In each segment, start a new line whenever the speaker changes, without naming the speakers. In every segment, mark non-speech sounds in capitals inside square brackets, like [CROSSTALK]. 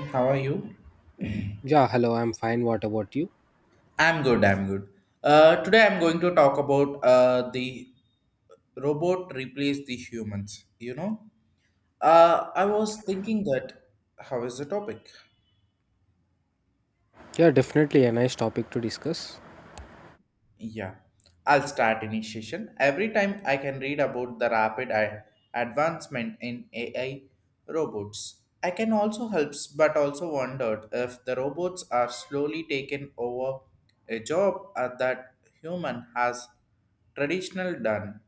How are you?
Yeah, hello, I'm fine. What about you?
I'm good. I'm good. Today I'm going to talk about the robot replace the humans. I was thinking that how is the topic?
Yeah, definitely a nice topic to discuss.
Yeah, I'll start initiation. Every time I can read about the rapid advancement in AI robots. I can also helps, but also wondered if the robots are slowly taken over a job that human has traditional done.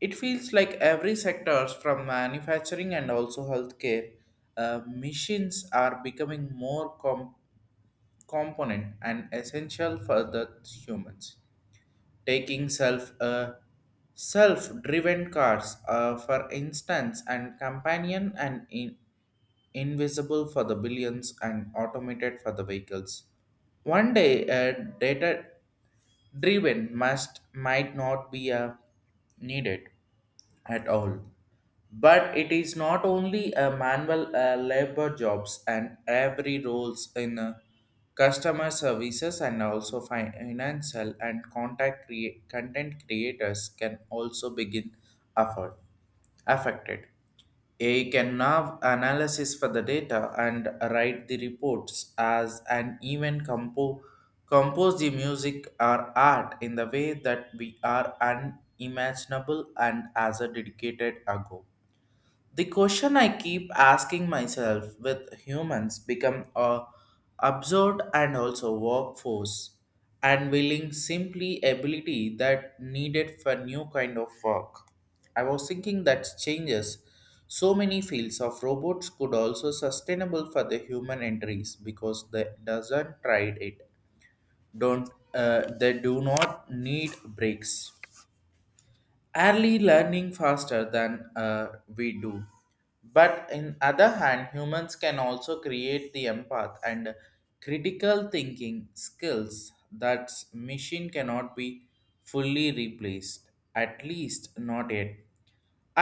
It feels like every sectors from manufacturing and also healthcare, machines are becoming more component and essential for the humans taking self driven cars for instance and companion and in invisible for the billions and automated for the vehicles. One day, a data driven must might not be needed at all. But it is not only a manual labor jobs and every roles in customer services and also financial and contact content creators can also begin afford affected. AI can now analysis for the data and write the reports as and even compose the music or art in the way that we are unimaginable and as a dedicated ago. The question I keep asking myself with humans become a absurd and also workforce and willing simply ability that needed for new kind of work. I was thinking that changes so many fields of robots could also sustainable for the human entries because they doesn't tried it don't they do not need breaks, early learning faster than we do, but in other hand humans can also create the empath and critical thinking skills that machine cannot be fully replaced, at least not yet.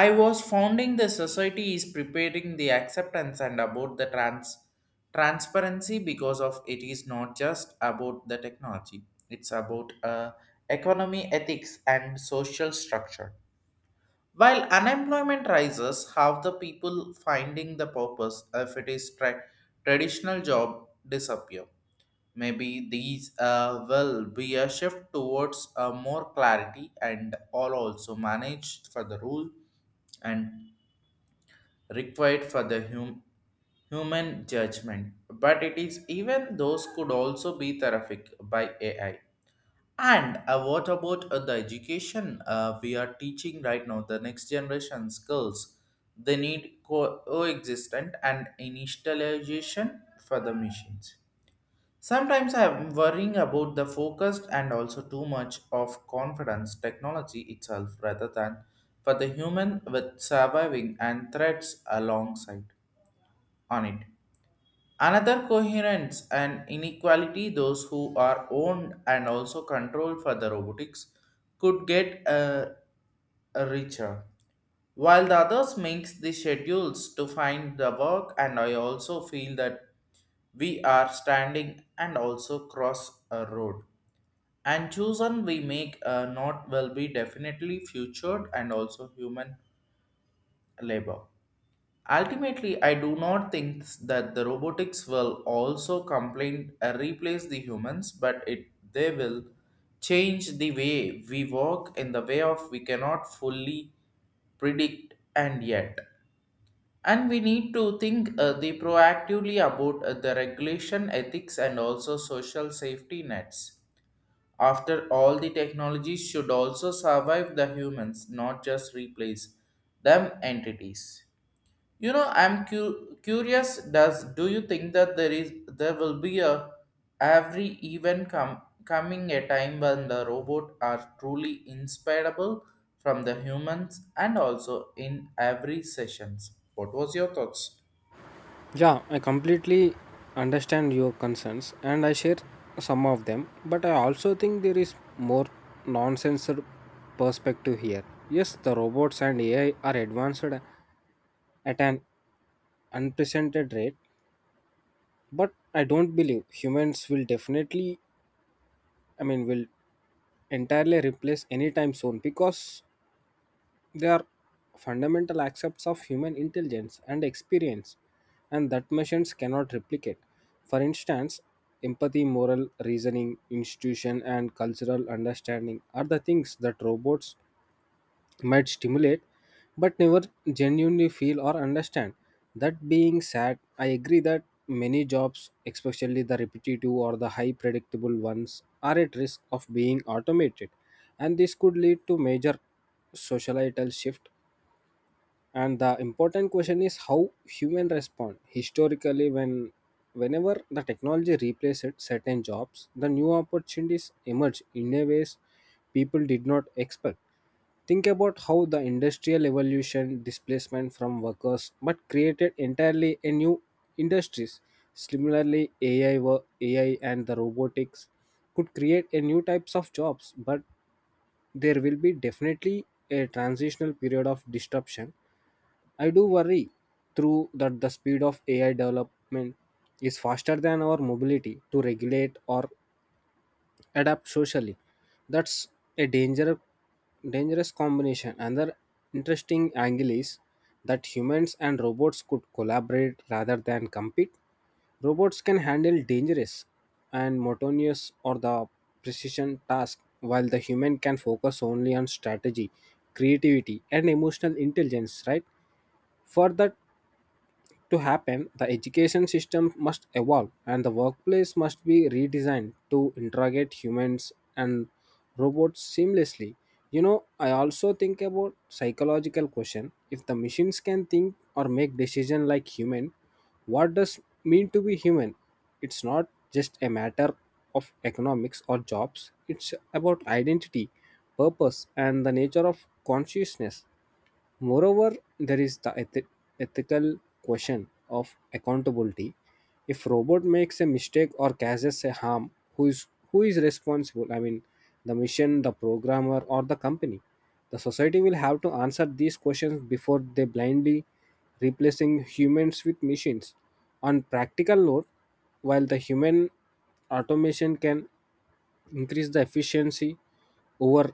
I was founding the society is preparing the acceptance and about the transparency, because of it is not just about the technology. It's about economy, ethics, and social structure, while unemployment rises, how the people finding the purpose if it is traditional job disappear? Maybe these will be a shift towards more clarity and all also managed for the rule and required for the human judgment. But it is even those could also be terrific by AI, and what about the education we are teaching right now? The next generation skills they need coexistent and initialization for the machines. Sometimes I am worrying about the focused and also too much of confidence technology itself rather than for the human with surviving and threats alongside on it. Another coherence and inequality, those who are owned and also controlled for the robotics could get richer, while the others makes the schedules to find the work, and I also feel that we are standing and also cross a road, and chosen we make not will be definitely featured and also human labor. Ultimately, I do not think that the robotics will also complain replace the humans, but it they will change the way we work in the way of we cannot fully predict and yet. And we need to think the proactively about the regulation, ethics, and also social safety nets. After all, the technologies should also survive the humans, not just replace them entities. I'm curious. Does do you think that there will be a every event coming a time when the robot are truly inseparable from the humans and also in every sessions? What was your thoughts?
Yeah, I completely understand your concerns and I share some of them, but I also think there is more nonsense perspective here. Yes, the robots and AI are advanced at an unprecedented rate, but I don't believe humans will definitely, will entirely replace anytime soon because they are fundamental aspects of human intelligence and experience, and that machines cannot replicate. For instance, empathy, moral reasoning, institution, and cultural understanding are the things that robots might stimulate but never genuinely feel or understand. That being said, I agree that many jobs, especially the repetitive or the high predictable ones, are at risk of being automated, and this could lead to major societal shift. And the important question is how human respond historically. Whenever the technology replaces certain jobs, the new opportunities emerge in a ways people did not expect. Think about how the industrial evolution displacement from workers but created entirely a new industries. Similarly, AI and the robotics could create a new types of jobs, but there will be definitely a transitional period of disruption. I do worry through that the speed of AI development is faster than our mobility to regulate or adapt socially. That's a dangerous combination. Another interesting angle is that humans and robots could collaborate rather than compete. Robots can handle dangerous and monotonous or the precision task, while the human can focus only on strategy, creativity and emotional intelligence, right? For that to happen, the education system must evolve and the workplace must be redesigned to integrate humans and robots seamlessly. You know, I also think about psychological question. If the machines can think or make decision like human, what does mean to be human? It's not just a matter of economics or jobs. It's about identity, purpose and the nature of consciousness. Moreover, there is the ethical question of accountability. If robot makes a mistake or causes a harm, who is responsible? I mean, the mission, the programmer, or the company. The society will have to answer these questions before they blindly replacing humans with machines. On practical note, while the human automation can increase the efficiency over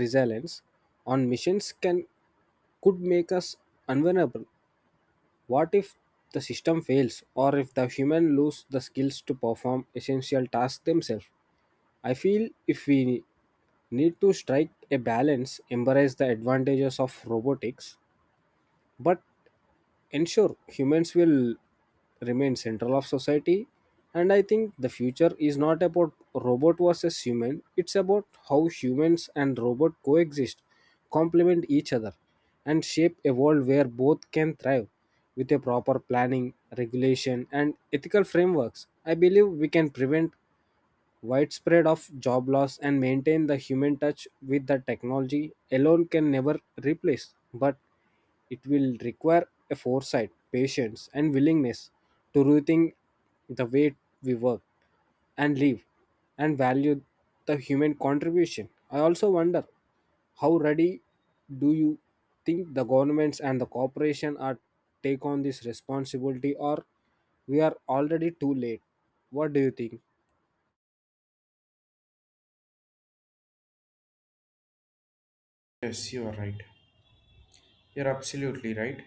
resilience on machines can could make us unvulnerable. What if the system fails, or if the human lose the skills to perform essential tasks themselves? I feel if we need to strike a balance, embrace the advantages of robotics, but ensure humans will remain central of society. And I think the future is not about robot versus human. It's about how humans and robot coexist, complement each other and shape a world where both can thrive. With a proper planning regulation and ethical frameworks, I believe we can prevent widespread of job loss and maintain the human touch with the technology alone can never replace, but it will require a foresight patience and willingness to rethink the way we work and live and value the human contribution. I also wonder how ready do you think the governments and the corporation are take on this responsibility, or we are already too late. What do you think?
Yes, you are right. You're absolutely right.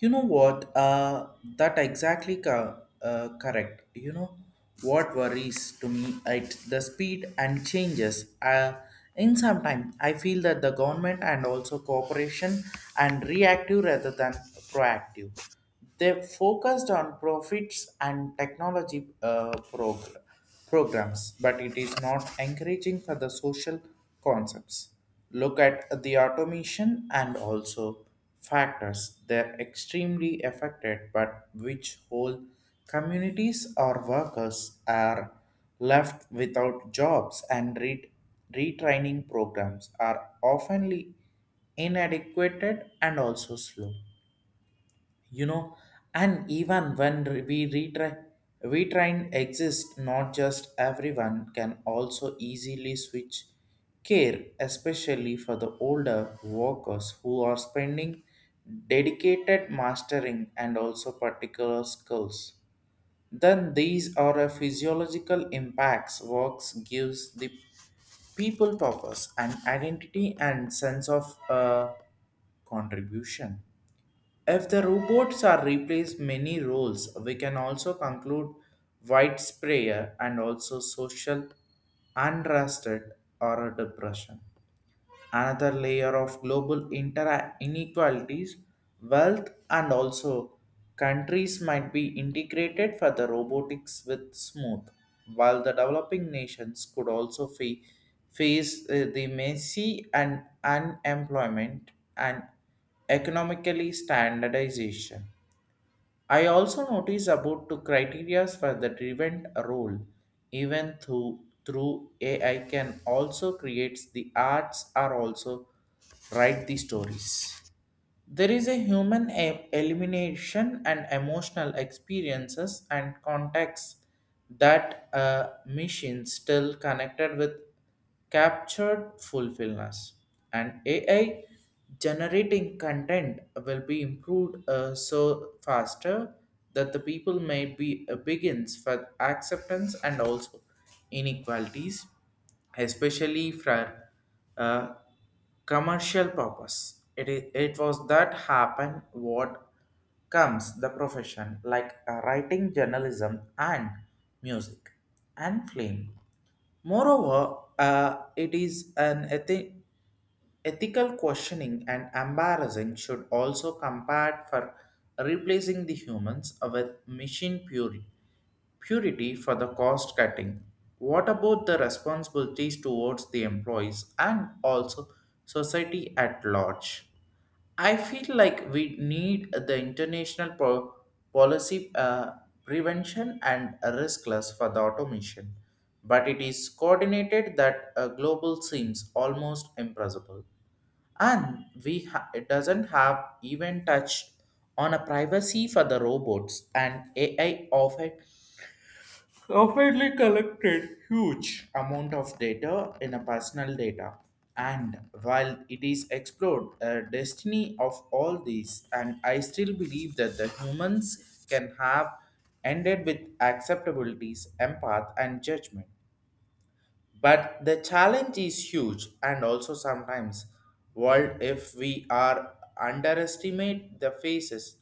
You know what? That exactly correct. You know what worries to me at the speed and changes. In some time, I feel that the government and also cooperation and reactive rather than proactive. They focused on profits and technology progress programs, but it is not encouraging for the social concepts. Look at the automation and also factors. They're extremely affected, but which whole communities or workers are left without jobs, and retraining programs are oftenly inadequate and also slow. You know and even when we try and exist, not just everyone can also easily switch care, especially for the older workers who are spending dedicated mastering and also particular skills. Then these are a physiological impacts works gives the people purpose and identity and sense of contribution. If the robots are replaced many roles, we can also conclude widespread and also social unrest or depression, another layer of global inequalities, wealth, and also countries might be integrated for the robotics with smooth, while the developing nations could also face the messy and unemployment and economically standardization. I also notice about two criteria for the driven role, even through AI can also create the arts are also write the stories. There is a human elimination and emotional experiences and contacts that a machine still connected with captured fulfillness. And AI generating content will be improved so faster that the people may be begins for acceptance and also inequalities, especially for uh, commercial purpose. It is. It was that happen what comes the profession like writing, journalism, and music and film. Moreover, it is an ethic. Ethical questioning and embarrassing should also compared for replacing the humans with machine purity for the cost cutting. What about the responsibilities towards the employees and also society at large? I feel like we need the international policy prevention and risk class for the automation, but it is coordinated that a global seems almost impossible. And it doesn't have even touched on a privacy for the robots and AI of it rapidly collected huge amount of data in a personal data, and while it is explored a destiny of all these, and I still believe that the humans can have ended with acceptabilities, empath, and judgment, but the challenge is huge and also sometimes world if we are underestimate the phases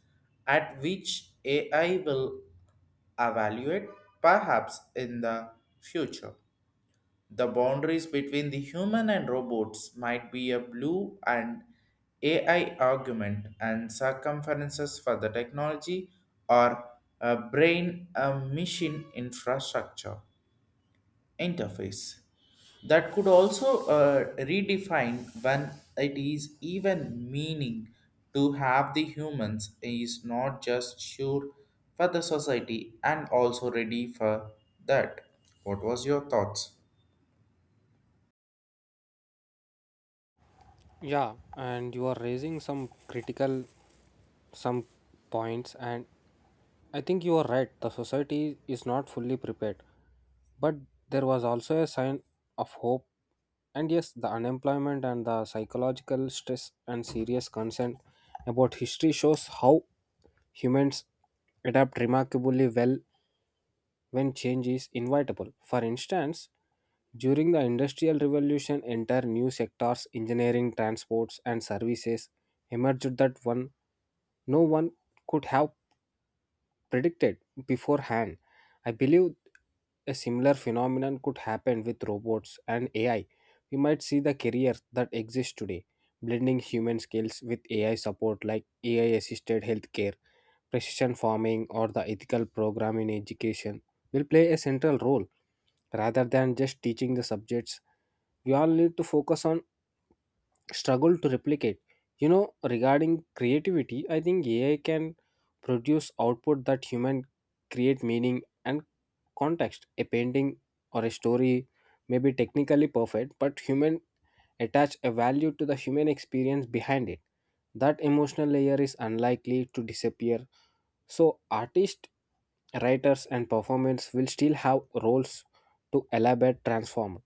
at which AI will evaluate. Perhaps in the future the boundaries between the human and robots might be a blue and AI argument and circumferences for the technology, or a brain a machine infrastructure interface that could also redefine when it is even meaning to have the humans is not just sure for the society and also ready for that. What was your thoughts?
Yeah, and you are raising some critical some points, and I think you are right. The society is not fully prepared. But there was also a sign of hope. And yes, the unemployment and the psychological stress and serious concern about history shows how humans adapt remarkably well when change is inevitable. For instance, during the Industrial Revolution, entire new sectors, engineering, transports, and services emerged that one no one could have predicted beforehand. I believe a similar phenomenon could happen with robots and AI. We might see the career that exists today, blending human skills with AI support like AI assisted healthcare, precision farming, or the ethical program in education will play a central role rather than just teaching the subjects. We all need to focus on struggle to replicate. You know, regarding creativity, I think AI can produce output that human create meaning and context. A painting or a story may be technically perfect, but human attach a value to the human experience behind it. That emotional layer is unlikely to disappear. So artists, writers and performers will still have roles to elaborate transform.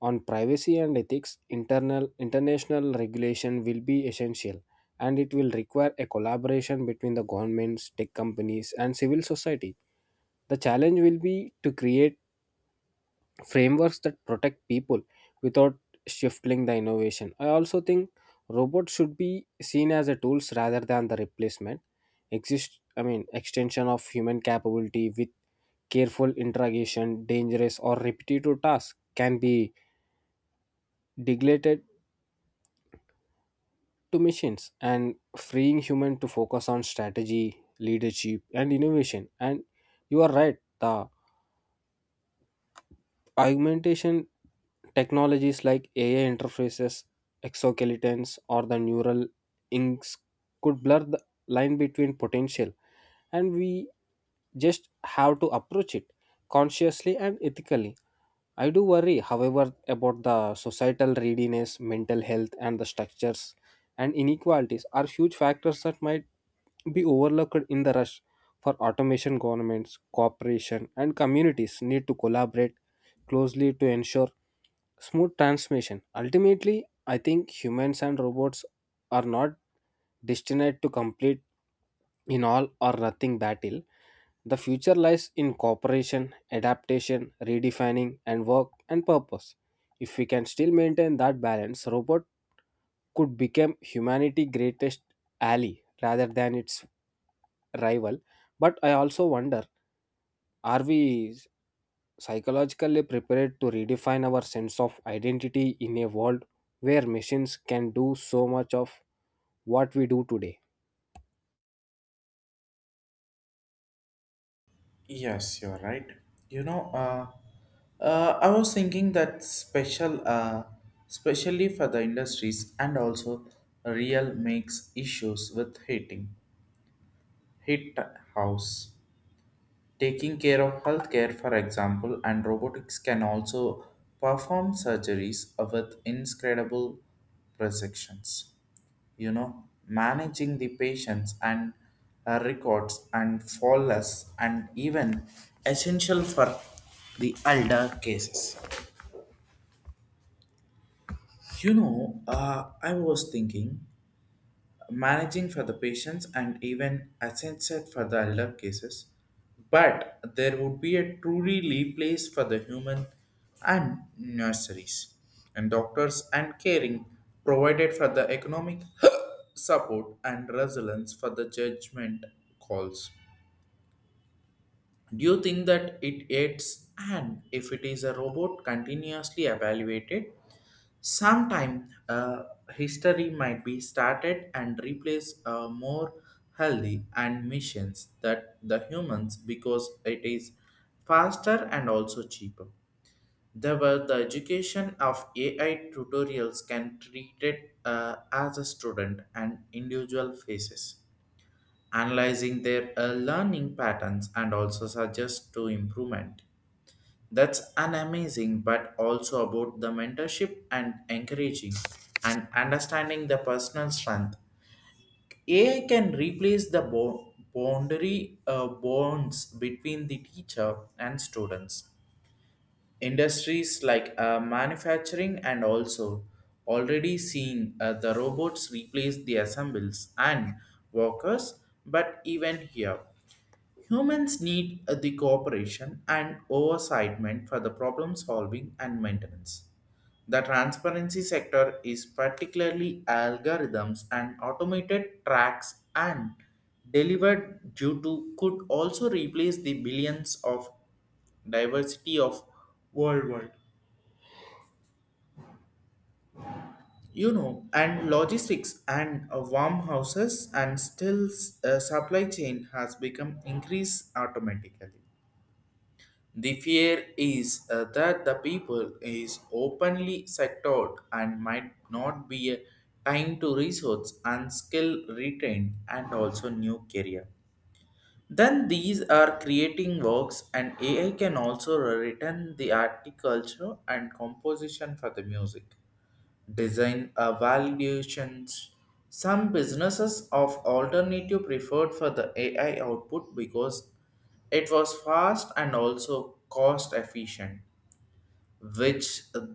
On privacy and ethics, international regulation will be essential, and it will require a collaboration between the governments, tech companies, and civil society. The challenge will be to create frameworks that protect people without stifling the innovation. I also think robots should be seen as a tools rather than the replacement. Extension of human capability with careful interrogation, dangerous or repetitive tasks can be delegated to machines and freeing human to focus on strategy leadership and innovation. And you are right, the augmentation technologies like AI interfaces, exoskeletons, or the neural inks could blur the line between potential, and we just have to approach it consciously and ethically. I do worry, however, about the societal readiness, mental health, and the structures and inequalities are huge factors that might be overlooked in the rush for automation. Governments, corporation, and communities need to collaborate closely to ensure smooth transmission. Ultimately, I think humans and robots are not destined to complete in all or nothing battle. The future lies in cooperation, adaptation, redefining, and work and purpose. If we can still maintain that balance, robot could become humanity's greatest ally rather than its rival. But I also wonder, are we psychologically prepared to redefine our sense of identity in a world where machines can do so much of what we do today?
Yes, you're right. You know uh, uh, i was thinking that special especially for the industries and also real makes issues with heat house. Taking care of healthcare, for example, and robotics can also perform surgeries with incredible precisions. Managing the patients and records and flawless and even essential for the elder cases. I was thinking managing for the patients and even asset for the elder cases, but there would be a truly leave place for the human and nurseries and doctors and caring provided for the economic [CLEARS THROAT] support and resilience for the judgment calls. Do you think that it aids, and if it is a robot continuously evaluated? Sometime history might be started and replace more healthy and missions that the humans because it is faster and also cheaper. There were the education of AI tutorials can treat it as a student and individual phases, analyzing their learning patterns and also suggest to improvement. That's an amazing, but also about the mentorship and encouraging and understanding the personal strength. AI can replace the boundary bonds between the teacher and students. Industries like manufacturing and also already seeing the robots replace the assemblers and workers, but even here. Humans need the cooperation and oversight for the problem solving and maintenance. The transparency sector is particularly algorithms and automated tracks and delivered due to could also replace the billions of diversity of worldwide. And logistics and warm houses and still supply chain has become increased automatically. The fear is that the people is openly sectored and might not be a time to resource and skill retained and also new career. Then these are creating works and AI can also return the art culture and composition for the music design evaluations. Some businesses of alternative preferred for the AI output because it was fast and also cost efficient, which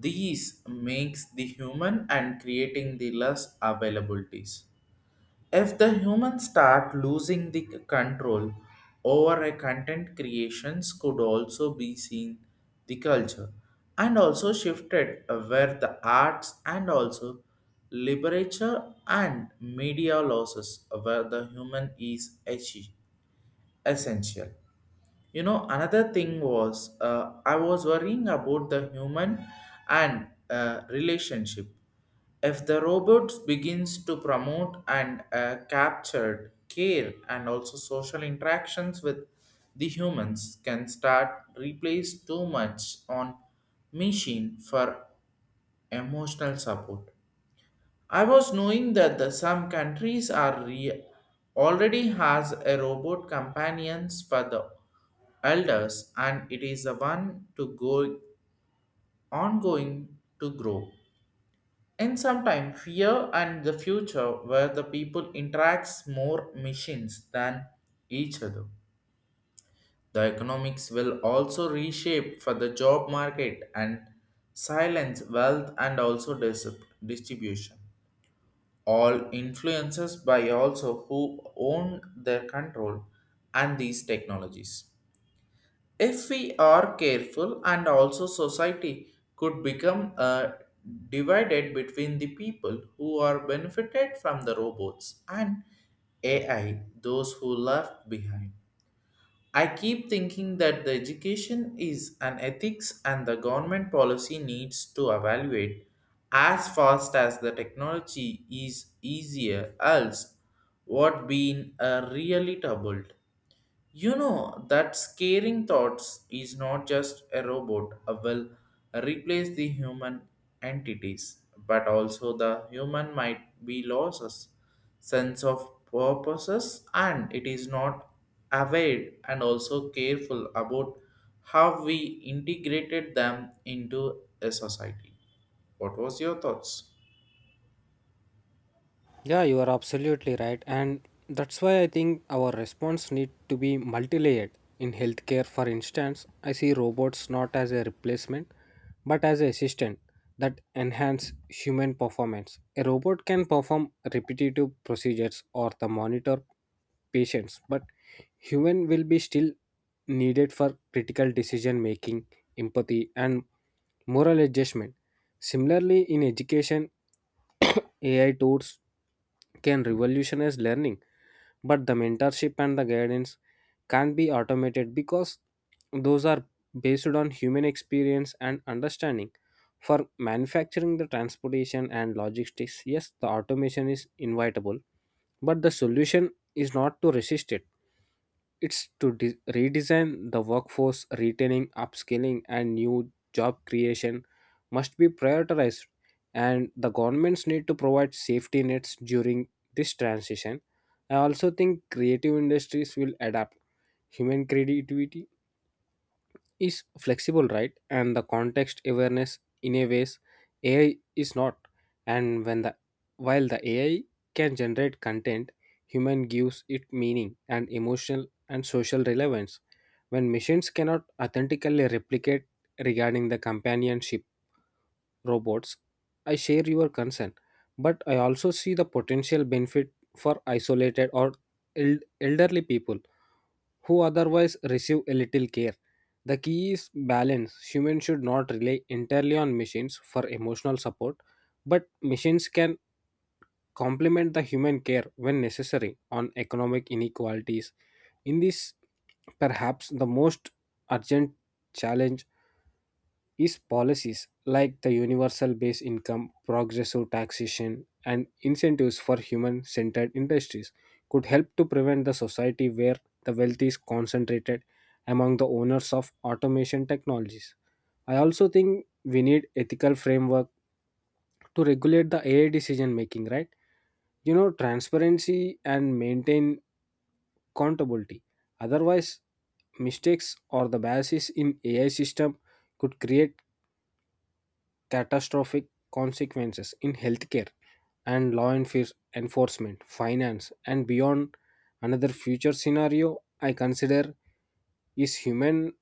these makes the human and creating the less availabilities. If the humans start losing the control over a content creations could also be seen the culture and also shifted where the arts and also literature and media losses where the human is essential. Another thing was I was worrying about the human and relationship. If the robot begins to promote and captured care and also social interactions with the humans can start replace too much on machine for emotional support. I was knowing that some countries are already has a robot companions for the elders, and it is the one to go ongoing to grow. In some time, fear and the future where the people interacts more machines than each other. The economics will also reshape for the job market and silence wealth and also distribution. All influences by also who own their control and these technologies. If we are careful and also society could become divided between the people who are benefited from the robots and AI, those who left behind. I keep thinking that the education is an ethics and the government policy needs to evaluate as fast as the technology is easier else what being really troubled. You know that scaring thoughts is not just a robot will replace the human entities, but also the human might be loses sense of purposes and it is not aware and also careful about how we integrated them into a society. What was your thoughts?
Yeah, you are absolutely right. And that's why I think our response need to be multi-layered. In healthcare, for instance, I see robots not as a replacement, but as an assistant that enhance human performance. A robot can perform repetitive procedures or the monitor patients, but human will be still needed for critical decision making, empathy, and moral adjustment. Similarly, in education, AI tools can revolutionize learning, but the mentorship and the guidance can't be automated because those are based on human experience and understanding. For manufacturing, the transportation and logistics, yes, the automation is inevitable, but the solution is not to resist it. It's to redesign the workforce. Retaining, upskilling, and new job creation must be prioritized, and the governments need to provide safety nets during this transition. I also think creative industries will adapt. Human creativity is flexible, right? And the context awareness in a ways AI is not. And when the while the AI can generate content, human gives it meaning and emotional and social relevance, when machines cannot authentically replicate. Regarding the companionship robots, I share your concern. But I also see the potential benefit for isolated or elderly people who otherwise receive a little care. The key is balance. Humans should not rely entirely on machines for emotional support, but machines can complement the human care when necessary on economic inequalities. In this, perhaps the most urgent challenge is policies like the universal base income, progressive taxation, and incentives for human centered industries could help to prevent the society where the wealth is concentrated among the owners of automation technologies. I also think we need ethical framework to regulate the AI decision making, right? You know, transparency and maintain accountability. Otherwise, mistakes or the biases in AI system could create catastrophic consequences in healthcare and law enforcement, finance, and beyond. Another future scenario I consider is human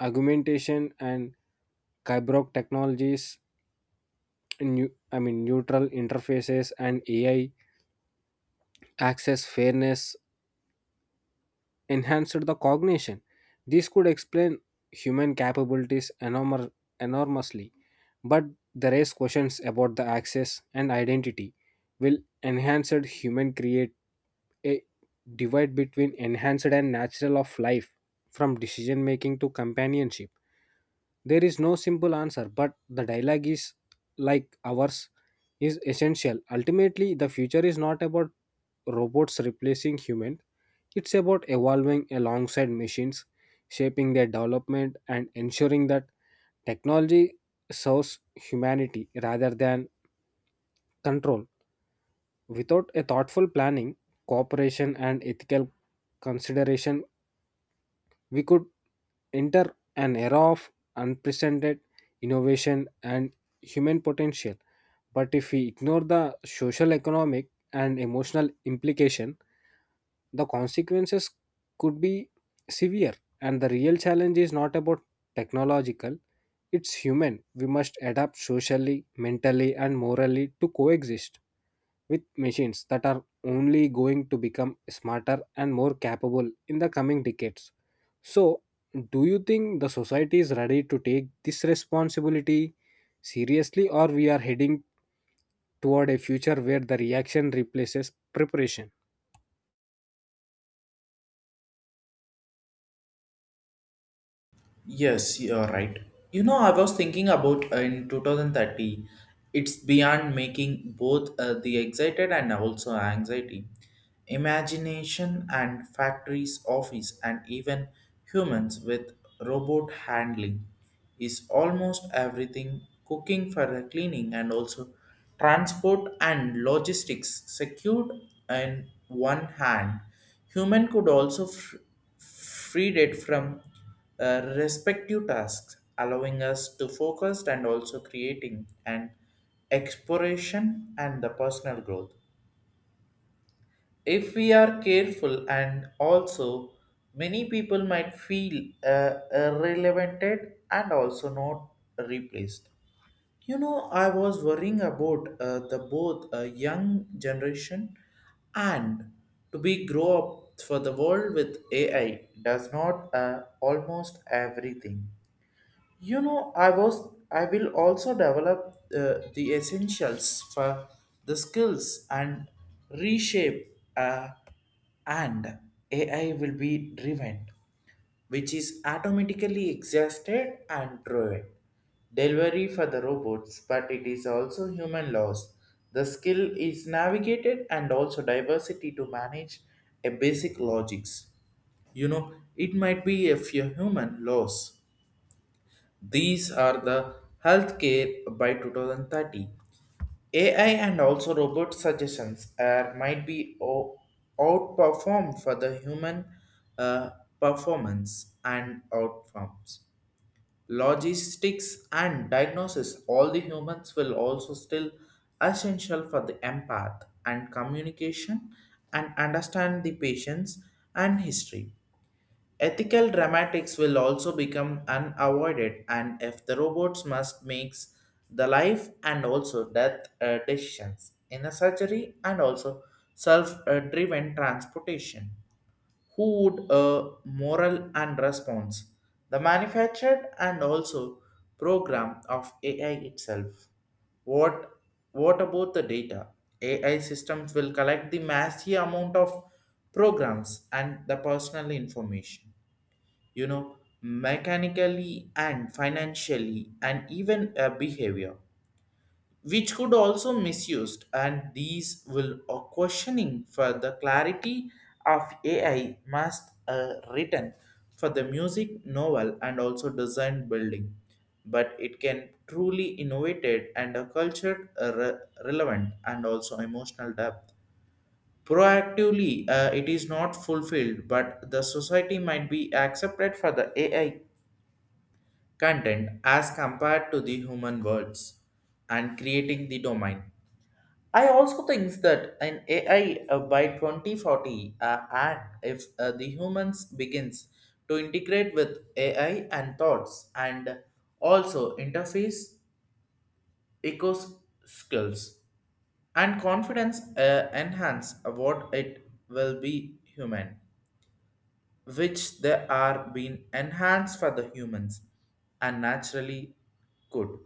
augmentation and cyborg technologies, new, I mean neutral interfaces, and AI access fairness enhanced the cognition. This could explain human capabilities enormously, but the raise questions about the access and identity. Will enhanced human create a divide between enhanced and natural of life, from decision making to companionship? There is no simple answer, but the dialogue is like ours is essential. Ultimately, the future is not about robots replacing humans. It's about evolving alongside machines, shaping their development and ensuring that technology serves humanity rather than control. Without a thoughtful planning, cooperation and ethical consideration, we could enter an era of unprecedented innovation and human potential. But if we ignore the social, economic, and emotional implication, the consequences could be severe. And the real challenge is not about technological, it's human. We must adapt socially, mentally, and morally to coexist with machines that are only going to become smarter and more capable in the coming decades. So, do you think the society is ready to take this responsibility seriously, or we are heading toward a future where the reaction replaces preparation?
Yes, you're right. You know, I was thinking about in 2030, it's beyond making both the excited and also anxiety. Imagination and factories, office, and even humans with robot handling is almost everything, cooking for the cleaning and also transport and logistics secured in one hand. Human could also freed it from respective tasks, allowing us to focus and also creating an exploration and the personal growth. If we are careful and also many people might feel irrelevanted and also not replaced. You know, I was worrying about the both young generation and to be grow up for the world with AI does not almost everything. You know, I will also develop the essentials for the skills and reshape and AI will be driven, which is automatically exhausted and driven. Delivery for the robots, but it is also human loss. The skill is navigated and also diversity to manage a basic logics. You know, it might be if your human loss these are the healthcare by 2030. AI and also robot suggestions are, might be outperformed for the human uh, performance and outcomes. Logistics and diagnosis, all the humans will also still essential for the empath and communication and understand the patients and history. Ethical dramatics will also become unavoided, and if the robots must make the life and also death decisions in a surgery and also self-driven transportation, who would moral and response the manufactured and also program of AI itself? What what about the data? AI systems will collect the massive amount of programs and the personal information, you know, mechanically and financially and even behavior, which could also misused. And these will a questioning for the clarity of AI must written for the music novel and also design building, but it can truly innovated and a cultured relevant and also emotional depth proactively it is not fulfilled but the society might be accepted for the ai content as compared to the human words and creating the domain. I also think that an AI by 2040 and if the humans begins to integrate with AI and thoughts and also interface eco skills and confidence enhance what it will be human which they are being enhanced for the humans and naturally good.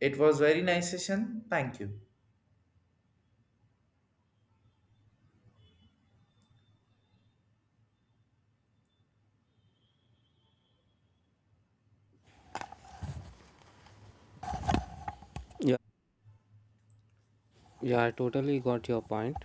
It was very nice session. Thank you.
Yeah, yeah, I totally got your point.